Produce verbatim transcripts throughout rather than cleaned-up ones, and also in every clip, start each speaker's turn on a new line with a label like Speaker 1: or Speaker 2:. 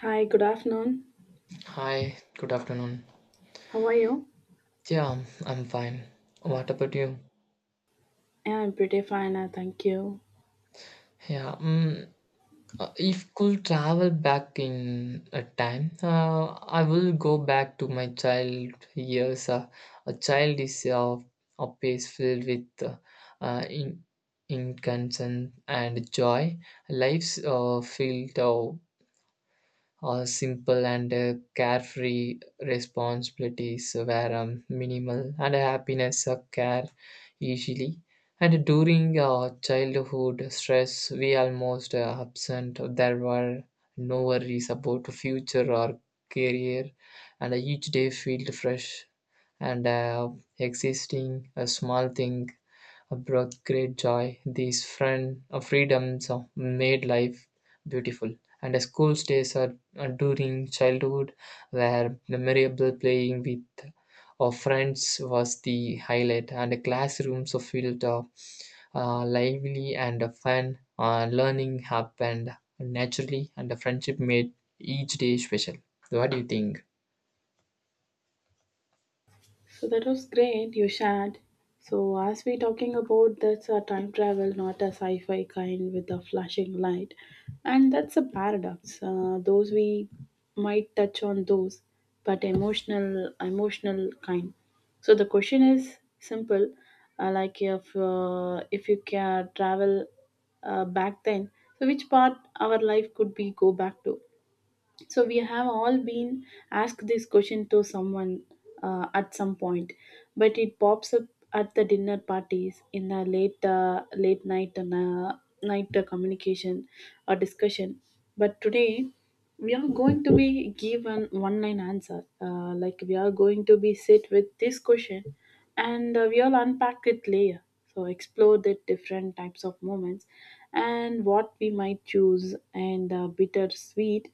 Speaker 1: Hi, good afternoon.
Speaker 2: Hi, good afternoon.
Speaker 1: How are you?
Speaker 2: Yeah, I'm fine. What about you?
Speaker 1: Yeah, I'm pretty fine, uh, thank you.
Speaker 2: Yeah, um, uh, if could travel back in a time, uh, I will go back to my child years. Uh, a child is uh, a place filled with uh, uh, in, innocence and joy. Lives uh, filled uh, a simple and uh, carefree responsibilities were um, minimal and happiness uh, care easily. And during uh, childhood stress, we almost uh, absent. There were no worries about future or career, and each day felt fresh and uh, existing a small thing have brought great joy. These friend, uh, freedoms uh, made life beautiful. And the school days are, are during childhood where memorable playing with our friends was the highlight, and the classrooms are filled uh, uh, lively and uh, fun. Uh, learning happened naturally, and the friendship made each day special. What do you think?
Speaker 1: So that was great you shared. So as we talking about that's a time travel, not a sci-fi kind with a flashing light, and that's a paradox. Uh, those we might touch on those, but emotional, emotional kind. So the question is simple, uh, like if uh, if you can travel uh, back then, so which part our life could be go back to? So we have all been asked this question to someone uh, at some point, but it pops up at the dinner parties, in the late uh, late night and uh, night uh, communication or discussion. But today we are going to be given one line answer. Uh, like we are going to be sit with this question, and uh, we all unpack it layer. So explore the different types of moments and what we might choose and uh, bitter sweet.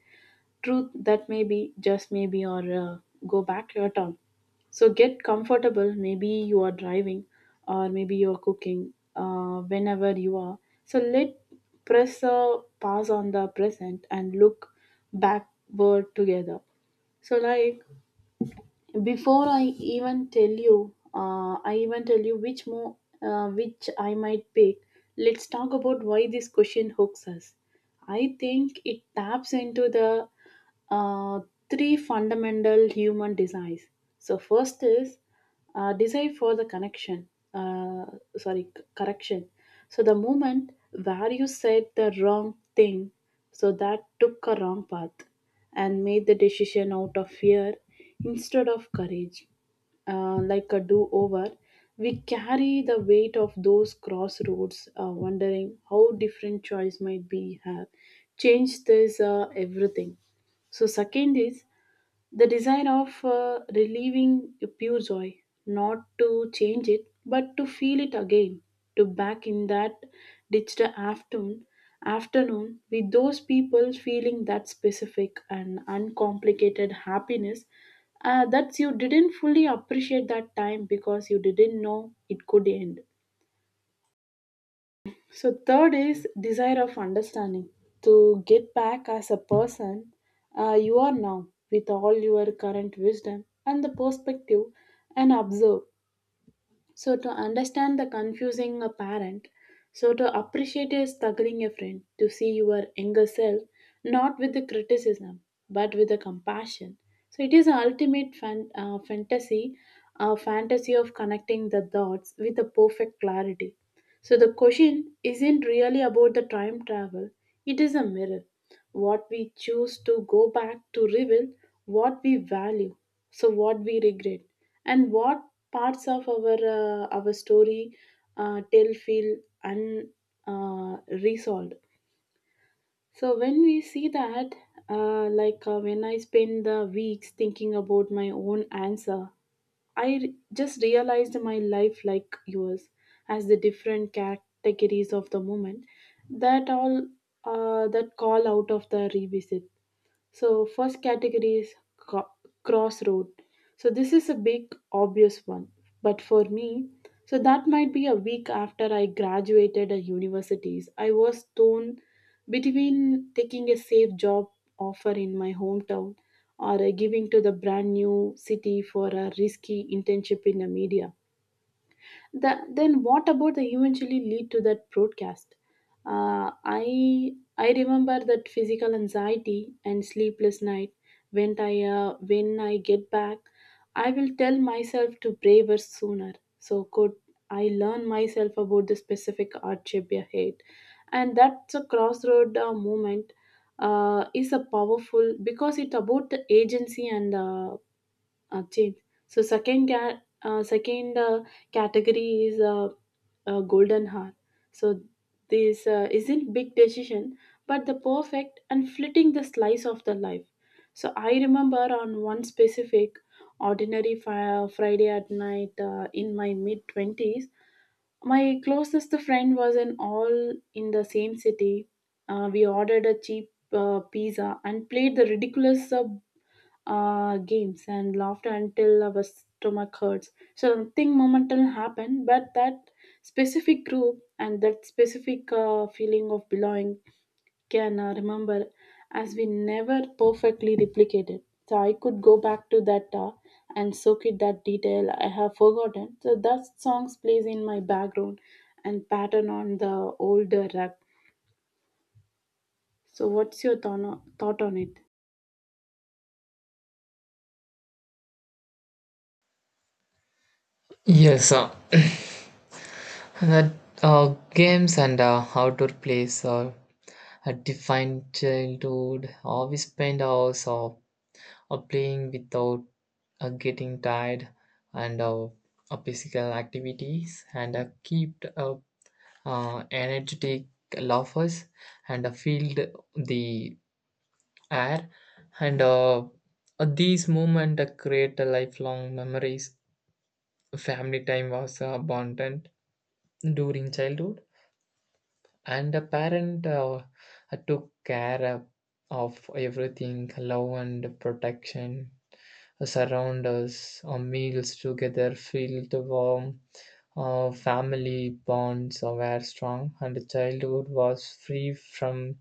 Speaker 1: Truth that maybe, just maybe, or uh, go back to your town. So get comfortable. Maybe you are driving, or maybe you are cooking. Uh, whenever you are, so let press uh, pause on the present and look backward together. So like before I even tell you, uh, I even tell you which more, uh, which I might pick. Let's talk about why this question hooks us. I think it taps into the uh, three fundamental human desires. So first is uh, desire for the connection. Uh, Sorry, c- correction. So the moment where you said the wrong thing, so that took a wrong path and made the decision out of fear instead of courage. Uh, like a do over, we carry the weight of those crossroads, uh, wondering how different choice might be have changed this uh, everything. So second is the design of uh, relieving a pure joy, not to change it, but to feel it again, to back in that digital afternoon, afternoon with those people feeling that specific and uncomplicated happiness uh, that you didn't fully appreciate that time because you didn't know it could end. So third is desire of understanding to get back as a person uh, you are now with all your current wisdom and the perspective and observe. So, to understand the confusing a parent, so to appreciate a struggling a friend, to see your younger self not with the criticism but with the compassion. So it is an ultimate fan, uh, fantasy, a fantasy of connecting the dots with the perfect clarity. So the question isn't really about the time travel, it is a mirror. What we choose to go back to reveal what we value, so what we regret, and what parts of our uh, our story uh, tell feel unresolved. Uh, Resolved. So when we see that, uh, like uh, when I spend the weeks thinking about my own answer, I r- just realized my life like yours as the different categories of the moment that all uh, that call out of the revisit. So first category is co- crossroad. So this is a big obvious one, but for me, so that might be a week after I graduated at universities. I was torn between taking a safe job offer in my hometown or uh, giving to the brand new city for a risky internship in the media, the, then what about the eventually lead to that broadcast. Uh, i i remember that physical anxiety and sleepless night. When i uh, when I get back, I will tell myself to braver sooner, so could I learn myself about the specific art shape ahead. And that's a crossroad uh, moment, uh, is a powerful because it's about the agency and uh, uh, change. So second ca- uh, second uh, category is uh, uh, golden hour. So this uh, isn't big decision, but the perfect and flitting the slice of the life. So I remember on one specific ordinary fi- Friday at night uh, in my mid twenties, my closest friend was in all in the same city. Uh, we ordered a cheap uh, pizza and played the ridiculous uh, uh, games and laughter until our stomach hurts. So something momental happened, but that specific group and that specific uh, feeling of belonging can uh, remember as we never perfectly replicated. So I could go back to that uh, and soak it that detail I have forgotten. So that songs plays in my background and pattern on the older rap. So what's your thought on thought on it?
Speaker 2: Yes, uh, Uh, uh, Games and uh, outdoor plays are a defined childhood. Uh, we spend hours uh, uh, playing without uh, getting tired, and uh, uh, physical activities and uh, keep uh, uh, energetic laughers and uh, filled the air. And uh, uh, these moments uh, create a lifelong memories. Family time was uh, abundant during childhood and the parent uh, took care of of everything love and protection surround us our meals together filled warm uh, family bonds were strong, and childhood was free from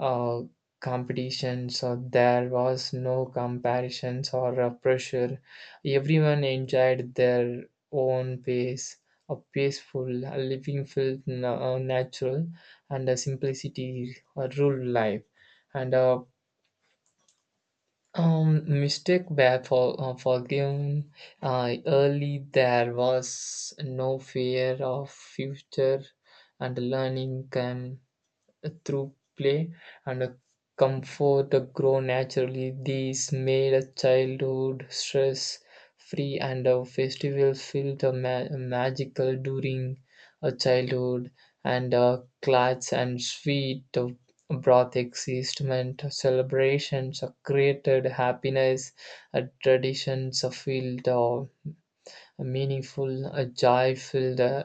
Speaker 2: uh, competition, so there was no comparisons or uh, pressure. Everyone enjoyed their own pace. A peaceful uh, living felt na- uh, natural, and a simplicity uh, ruled life. And uh, um, mistake were for, uh, forgiven uh, early. There was no fear of future, and learning came through play and comfort grow naturally. These made a childhood stress free and a festival feel the ma- magical during a childhood and a clat's and sweet of broth existment celebrations are created happiness a traditions are filled uh, meaningful a joy filled uh,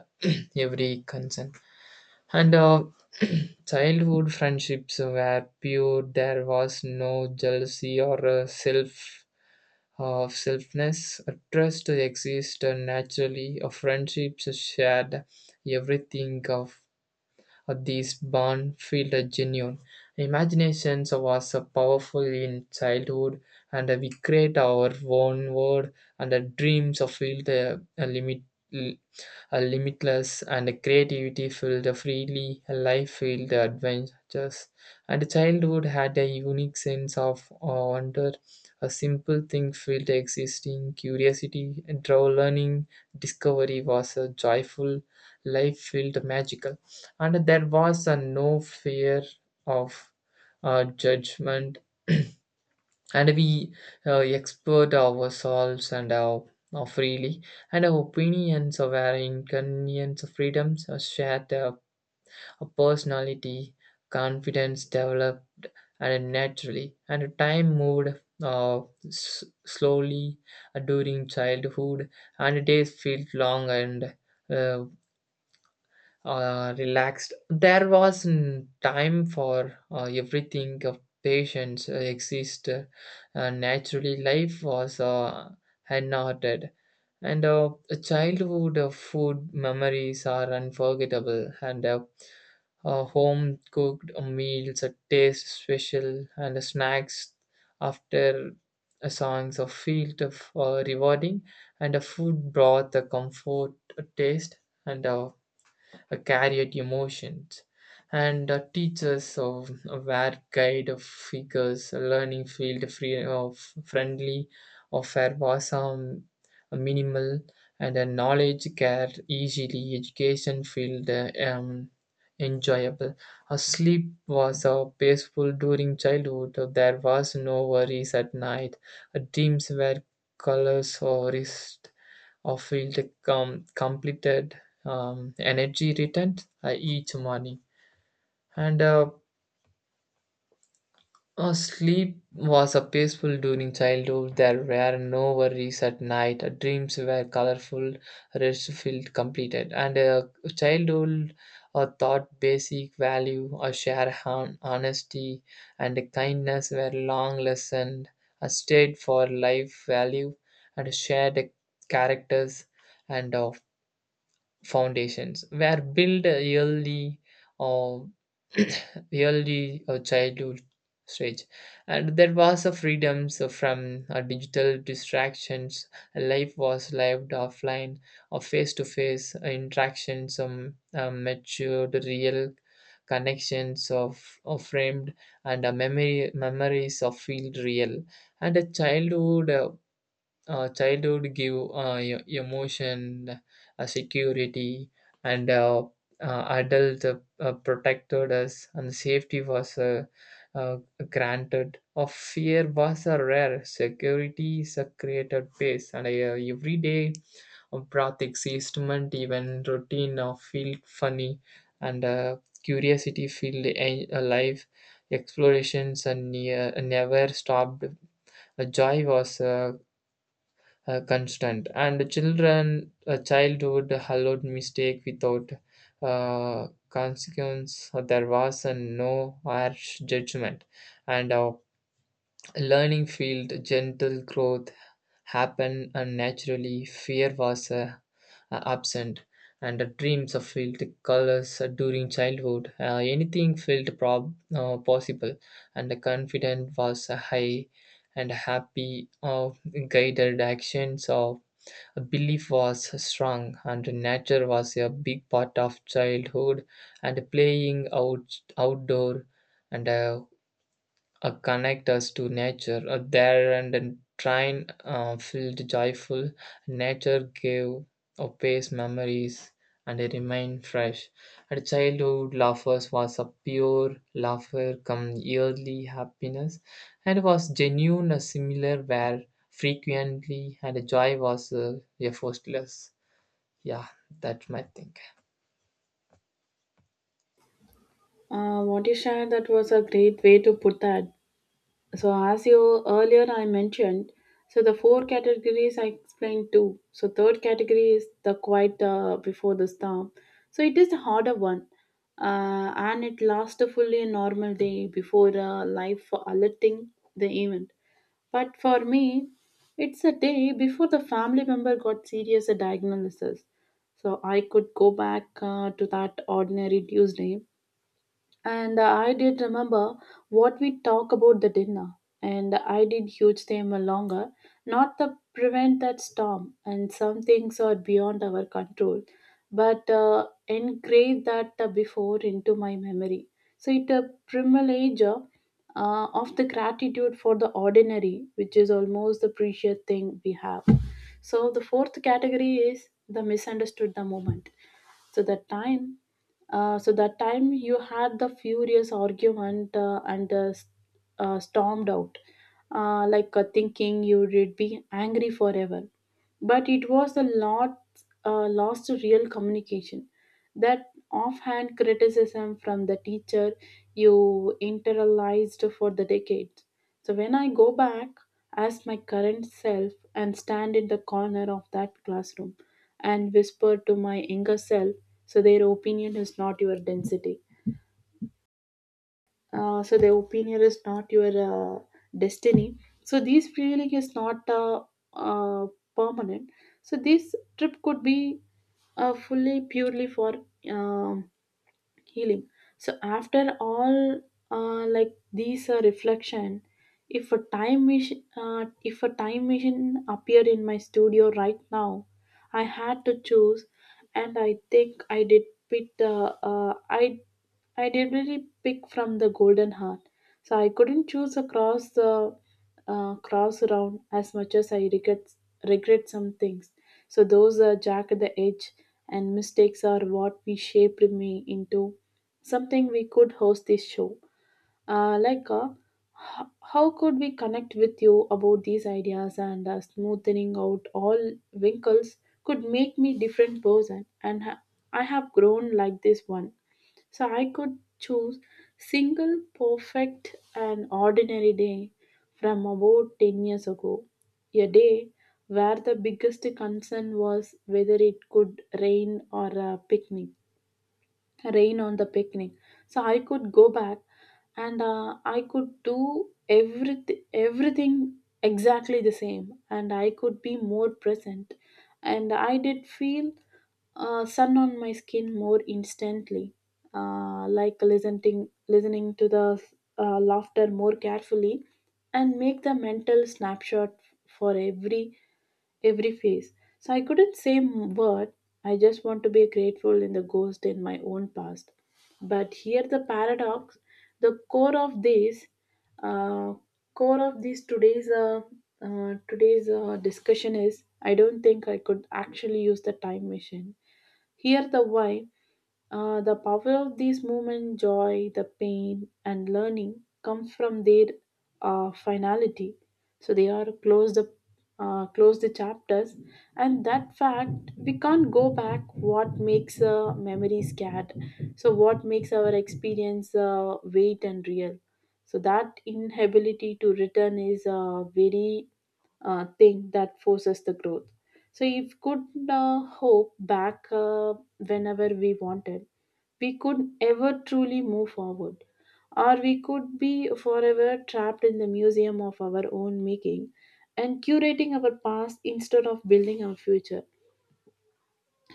Speaker 2: every concern and uh, childhood friendships were pure. There was no jealousy or uh, self uh, selfness. A trust exists naturally. A friendships shared everything of uh, this bond felt genuine. Imagination was uh, powerful in childhood, and uh, we create our own world, and the dreams of felt uh, limit a limitless and creativity filled a freely a life filled adventures and childhood had a unique sense of wonder a simple thing filled existing curiosity draw learning discovery was a joyful life filled magical and there was a no fear of uh, judgment and we uh, expert ourselves and our, our freely and our opinions of our inconvenience of freedoms are shared uh, a personality confidence developed and naturally and time moved uh, s- slowly uh, during childhood and days felt long and uh, uh, relaxed. There was n- time for uh, everything. Of patience uh, exist uh, uh, naturally. Life was uh, unarted, and uh, childhood uh, food memories are unforgettable. And uh, uh, home cooked meals that taste special, and the snacks after uh, songs of field of uh, rewarding, and the food brought the comfort uh, taste and. Uh, uh, carried emotions. And uh, teachers of, were guide of figures, learning field free of friendly, offer was um, minimal, and a knowledge care easily, education field uh, um, enjoyable. A sleep was uh, peaceful during childhood. Uh, there was no worries at night. Uh, dreams were colors or rest I feel the com- completed um, energy returned uh, each morning. And uh, uh, sleep was a peaceful during childhood. There were no worries at night. Uh, Dreams were colorful, rest filled completed. And uh, childhood uh, thought basic value, a share hon- honesty, and kindness were long lesson. A state for life value and shared characters and of foundations were built early or early uh, childhood stage and there was a freedoms from uh, digital distractions life was lived offline or face-to-face interactions um, uh, matured real connections of, of framed and uh, memory memories of feel real and a childhood uh, uh, childhood give uh, e- emotion uh, security and uh, uh, adult uh, uh, protected us and safety was uh, uh, granted of fear was a rare security is a created base and uh, everyday of breath existment even routine of feel funny and uh, curiosity feel a- alive explorations and near, never stopped uh, joy was uh, uh, constant and children uh, childhood allowed mistake without uh, consequence there was uh, no harsh judgment and our learning field gentle growth happened unnaturally. Fear was uh, uh, absent and the dreams of felt colors during childhood uh, anything felt prob- uh, possible and the confidence was uh, high and happy of guided actions of belief was strong, and nature was a big part of childhood, and playing out, outdoor and uh, uh, connect us to nature. Uh, there and then train uh, filled joyful, nature gave a pace memories and they remain fresh. At childhood, laughter was a pure laughter come yearly happiness and was genuine, uh, similar where frequently and joy was uh, effortless. Yeah, that's my thing.
Speaker 1: Uh, what you shared, that was a great way to put that. So, as you earlier I mentioned, so the four categories I explained too. So, third category is the quiet uh, before the storm. So, it is the harder one, uh, and it lasts fully a normal day before uh, life for alerting the event. But for me, it's a day before the family member got serious diagnosis. So I could go back uh, to that ordinary Tuesday, and I did remember what we talk about the dinner. And I did huge them longer, not to prevent that storm. And some things are beyond our control, but uh, engrave that uh, before into my memory. So it a privilege uh, of the gratitude for the ordinary, which is almost the precious thing we have. So the fourth category is the misunderstood the moment. So that time uh, so that time you had the furious argument uh, and uh, s- uh, stormed out, uh, like uh, thinking you would be angry forever. But it was a lot uh, lost to real communication. That offhand criticism from the teacher you internalized for the decades. So when I go back as my current self and stand in the corner of that classroom and whisper to my younger self, so their opinion is not your density. Uh, so their opinion is not your uh, destiny. So this feeling is not uh, uh, permanent. So this trip could be uh, fully purely for um healing. So after all, uh, like these uh, reflection, if a time machine uh, if a time machine appeared in my studio right now, I had to choose, and I think I did pick the uh, I I did really pick from the golden heart. So I couldn't choose across the uh, cross round. As much as I regret regret some things, so those are jack at the edge, and mistakes are what we shaped me into something we could host this show. Uh, like, uh, h- how could we connect with you about these ideas, and uh, smoothing out all wrinkles could make me different person and ha- I have grown like this one. So I could choose single, perfect and ordinary day from about ten years ago. A day where the biggest concern was whether it could rain or a picnic rain on the picnic. So I could go back, and uh, I could do everything everything exactly the same, and I could be more present, and I did feel uh, sun on my skin more instantly, uh, like listening listening to the uh, laughter more carefully, and make the mental snapshot for every every face. So I couldn't say m- word. I just want to be grateful in the ghost in my own past. But here the paradox, the core of this, uh, core of this today's uh, uh, today's uh, discussion is I don't think I could actually use the time machine. Here the why. Uh, the power of these moments, joy, the pain, and learning, come from their uh, finality. So they are close the uh, close the chapters, and that fact we can't go back. What makes a memory scared? So what makes our experience uh, weight and real? So that inability to return is a very uh, thing that forces the growth. So if could uh, hope back uh, whenever we wanted, we could ever truly move forward. Or we could be forever trapped in the museum of our own making, and curating our past instead of building our future.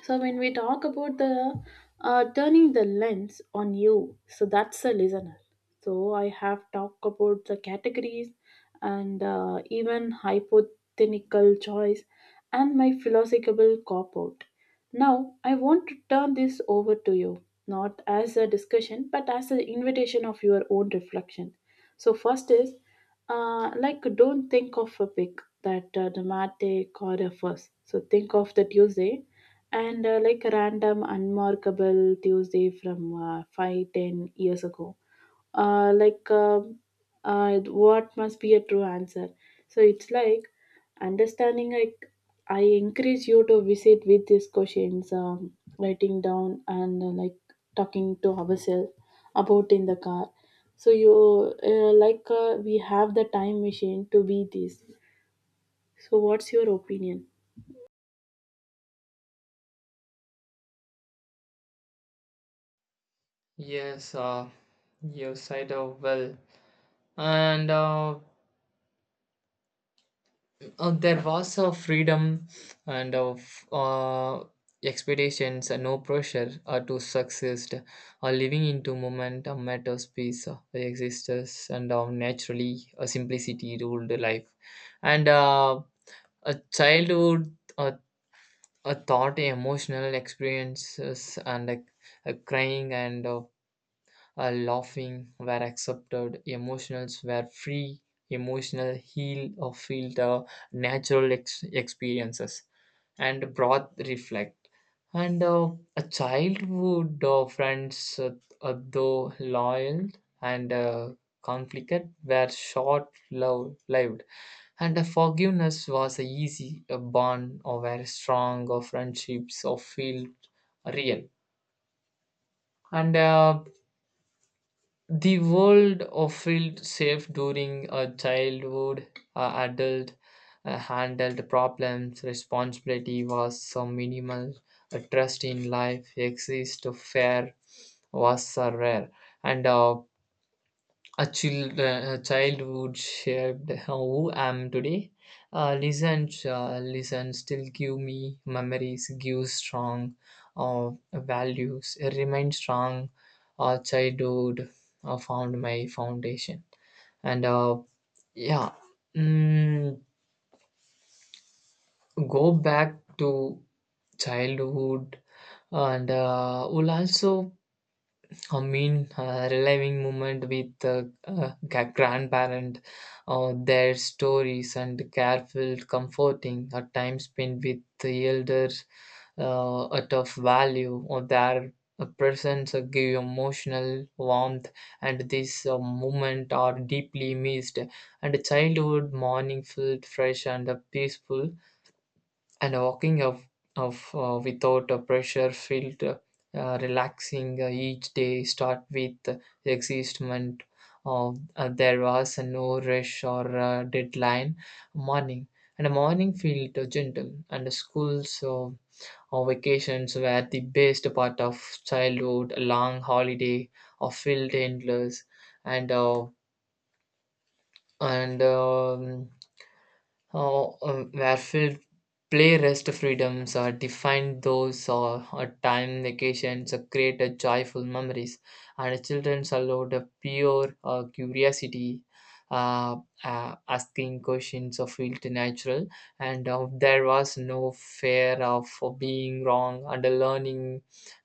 Speaker 1: So when we talk about the uh, turning the lens on you, so that's the listener. So I have talked about the categories, and uh, even hypothetical choice, and my philosophical cop out. Now I want to turn this over to you, not as a discussion but as an invitation of your own reflection. So first is uh, like don't think of a pick that uh, dramatic or a first. So think of the Tuesday, and uh, like random unmarkable Tuesday from uh, five ten years ago. Uh, like um uh, what must be a true answer? So it's like understanding. Like I encourage you to visit with these questions, um, writing down, and uh, like talking to ourselves about in the car. So you uh, like uh, we have the time machine to be this. So what's your opinion?
Speaker 2: Yes, uh, you said uh, well. And uh, Uh, there was a freedom and of uh, expectations and no pressure uh, to succeed or living into moment a matter space uh, exists and uh, naturally a simplicity ruled the life and uh, a childhood uh, a thought emotional experiences and uh, uh, crying and uh, uh, laughing were accepted, emotions were free, emotional heal or feel the natural ex- experiences, and broad reflect. And uh, a childhood uh, friends, uh, uh, though loyal and uh, conflicted, were short lo- lived and the forgiveness was a easy a bond or very strong or friendships or feel real and uh, the world of felt safe during a childhood, uh, adult uh, handled problems, responsibility was so minimal, a trust in life exist, fair was so rare, and uh, a, child, a childhood shaped who I am today. Uh, listen, uh, listen, still give me memories, give strong uh, values, remain strong. Uh, childhood uh, found my foundation. And uh, yeah, mm, go back to childhood and uh, will also I mean, uh, reliving moment with uh, uh, gra- grandparent, uh, their stories and careful comforting, a time spent with the elders, uh, out of value, or their uh, presence uh, give you emotional warmth, and this uh, moment are deeply missed. And childhood morning felt fresh and uh, peaceful, and walking of, of uh, without a pressure felt uh, relaxing. Uh, each day start with existment uh, uh, there was no rush or uh, deadline morning and the morning felt uh, gentle and the schools uh, or vacations were the best part of childhood a long holiday or felt endless and uh, and um, uh, uh, where field play rest freedoms are defined those or a time vacations uh, create a joyful memories and the children's allowed a pure uh, curiosity uh, uh, asking questions of felt natural and uh, there was no fear of uh, being wrong and the learning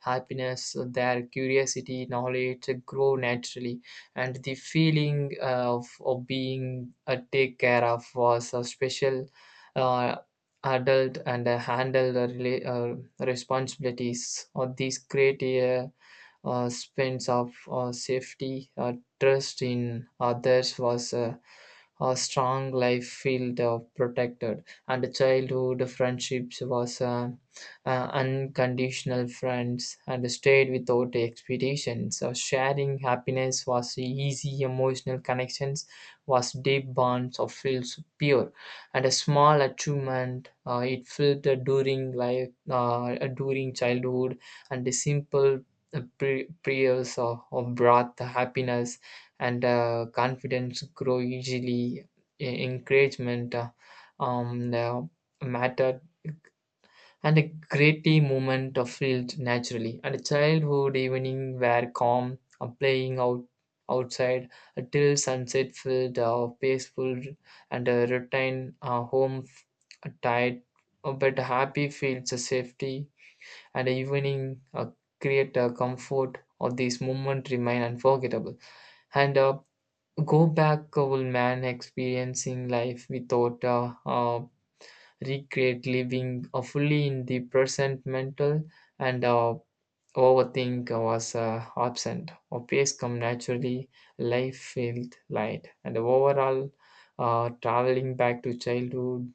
Speaker 2: happiness uh, their curiosity knowledge uh, grow naturally and the feeling uh, of, of being uh, take care of was a special uh, adult and uh, handle the rela- uh, responsibilities or these create a uh, sense of uh, safety, uh, trust in others was a, a strong life field uh, protected, and the childhood friendships was uh, uh, unconditional friends and stayed without expectations. So sharing happiness was easy, emotional connections was deep bonds of feels pure, and a small achievement uh, it felt during life uh, during childhood and the simple the pre- prayers of, of breath, happiness, and uh, confidence grow easily. E- Encouragement uh, um, uh, matter, and a greatly movement of field naturally. And a childhood evening were calm, uh, playing out outside till sunset filled uh, peaceful and uh, retain uh, home f- tight, uh, but happy feels a safety and evening uh, create a comfort of these moment remain unforgettable and uh, go back uh, will man experiencing life without uh, uh, recreate living uh, fully in the present mental and uh, overthink uh, was uh, absent or pace come naturally life felt light and overall uh, traveling back to childhood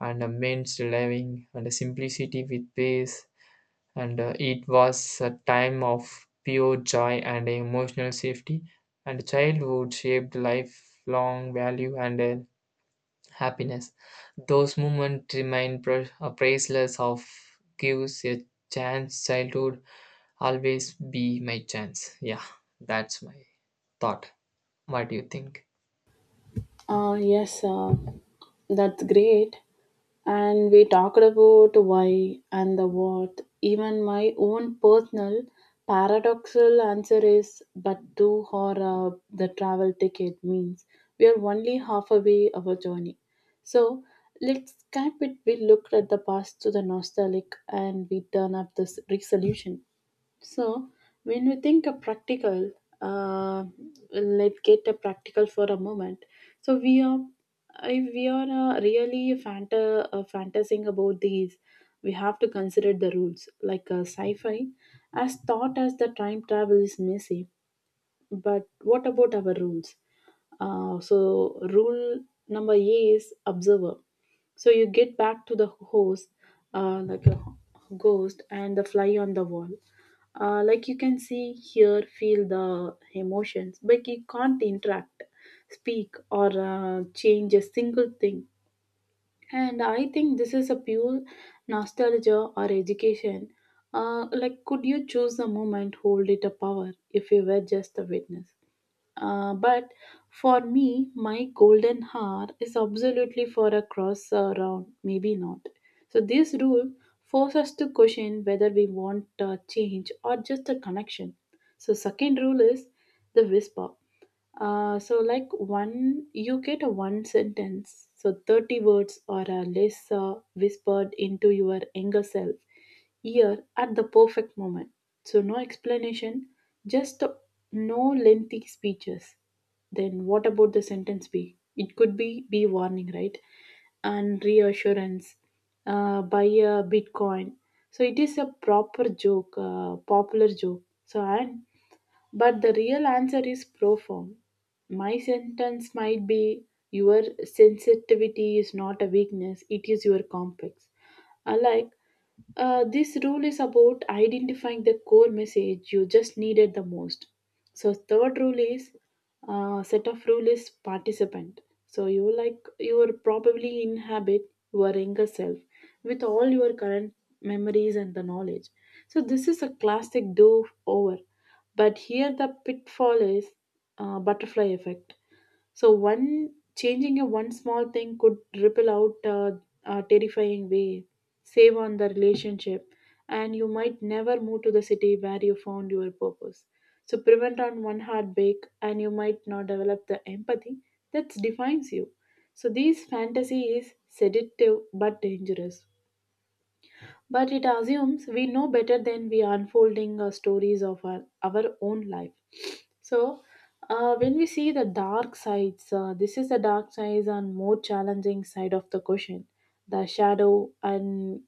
Speaker 2: and uh, living and the simplicity with pace and uh, it was a time of pure joy and emotional safety and childhood shaped lifelong value and uh, happiness those moments remain pr- uh, priceless of gives a chance childhood always be my chance. Yeah, that's my thought. What do you think?
Speaker 1: Uh, yes, uh, that's great. And we talked about why and the what. Even my own personal paradoxical answer is but do or uh, the travel ticket means we are only half away of our journey. So let's skip it. We look at the past to the nostalgic and we turn up this resolution. So, when we think a practical, uh, let's get a practical for a moment. So we are, if we are uh, really fanta- uh, fantasizing about these, we have to consider the rules like uh, sci-fi, as thought as the time travel is messy, but what about our rules? Uh, so, rule number A is observer. So, you get back to the host uh, like a ghost and the fly on the wall. Uh, like you can see, hear, feel the emotions, but you can't interact, speak, or uh, change a single thing. And I think this is a pure nostalgia or education. Uh, like, could you choose the moment, hold it a power if you were just a witness? Uh, but for me, my golden hour is absolutely for a cross uh, round, maybe not. So, this rule forces us to question whether we want uh, change or just a connection. So, second rule is the whisper. Uh, so like one you get a one sentence, so thirty words or uh, less, uh, whispered into your younger self ear at the perfect moment, so no explanation, just uh, no lengthy speeches. Then what about the sentence b? It could be be warning, right? And reassurance uh, by uh, bitcoin. So it is a proper joke, uh, popular joke, so, and but the real answer is profound. My sentence might be, your sensitivity is not a weakness, it is your complex. Alike, uh, this rule is about identifying the core message you just needed the most. So third rule is uh, set of rule is participant. So you, like, you will probably inhabit your younger self with all your current memories and the knowledge. So this is a classic do over. But here the pitfall is uh, butterfly effect. So one, changing a one small thing could ripple out a, a terrifying way, save on the relationship, and you might never move to the city where you found your purpose. So prevent on one heartbreak, and you might not develop the empathy that defines you. So these fantasy is seductive but dangerous, but it assumes we know better than we are unfolding uh, stories of our, our own life. So, uh, when we see the dark sides, uh, this is the dark sides and more challenging side of the question, the shadow, and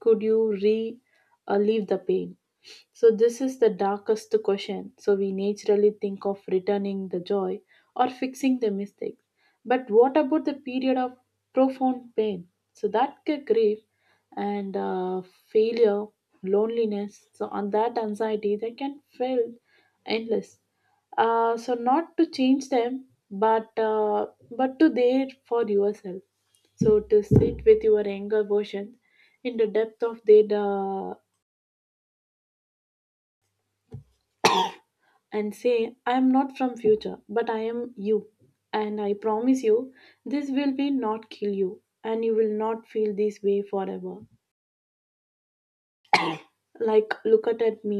Speaker 1: could you re uh, leave the pain? So, this is the darkest question. So, we naturally think of returning the joy or fixing the mistakes. But what about the period of profound pain? So, that could grief and uh, failure, loneliness, so, and that anxiety that can feel endless. Uh, so, not to change them, but uh, but to there for yourself. So, to sit with your anger version in the depth of their uh, and say, I am not from future, but I am you. And I promise you, this will be not kill you, and you will not feel this way forever. Like look at at me,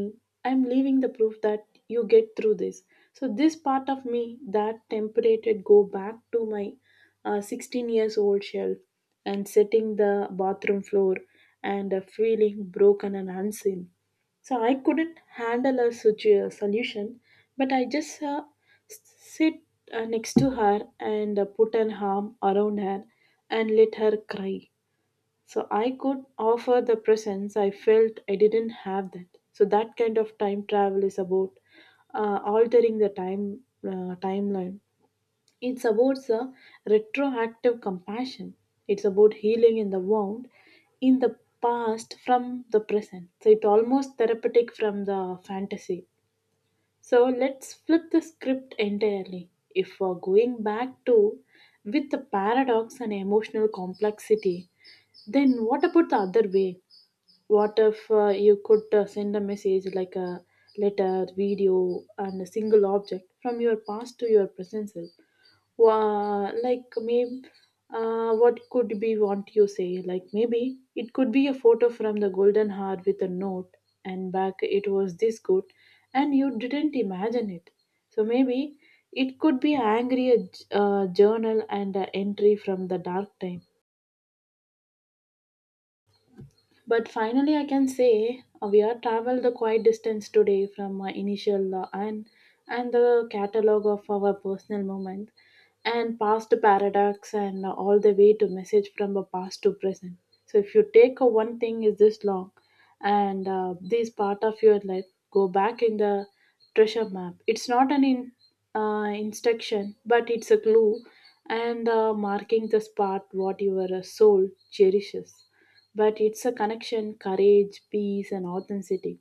Speaker 1: I'm leaving the proof that you get through this. So this part of me that temperated go back to my uh, sixteen years old shelf and setting the bathroom floor and uh, feeling broken and unseen. So I couldn't handle a situ- solution, but I just uh, s- sit uh, next to her and uh, put an arm around her and let her cry. So I could offer the presence I felt I didn't have that. So that kind of time travel is about uh, altering the time uh, timeline. It's about the retroactive compassion. It's about healing in the wound in the past from the present. So it's almost therapeutic from the fantasy. So let's flip the script entirely. If we're going back to with the paradox and emotional complexity, then what about the other way? What if uh, you could uh, send a message like a letter, video, and a single object from your past to your present self? Wha- like maybe, uh, what could be want you say? Like maybe it could be a photo from the golden heart with a note, and back it was this good, and you didn't imagine it. So maybe it could be angry uh, j- uh, journal and uh, entry from the dark time. But finally, I can say uh, we are traveled the quite distance today from our initial uh, and and the catalog of our personal moment and past paradox and uh, all the way to message from the past to present. So if you take a one thing is this long and uh, this part of your life, go back in the treasure map. It's not an in, uh, instruction, but it's a clue and uh, marking the spot what your uh, soul cherishes, but it's a connection, courage, peace, and authenticity.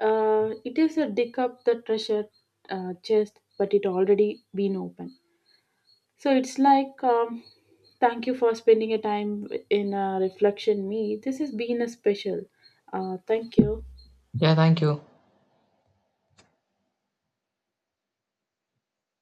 Speaker 1: Uh, it is a dig up the treasure uh, chest, but it already been open. So it's like, um, thank you for spending a time in a reflection. Me, this has been a special. Uh, thank you.
Speaker 2: Yeah, thank you.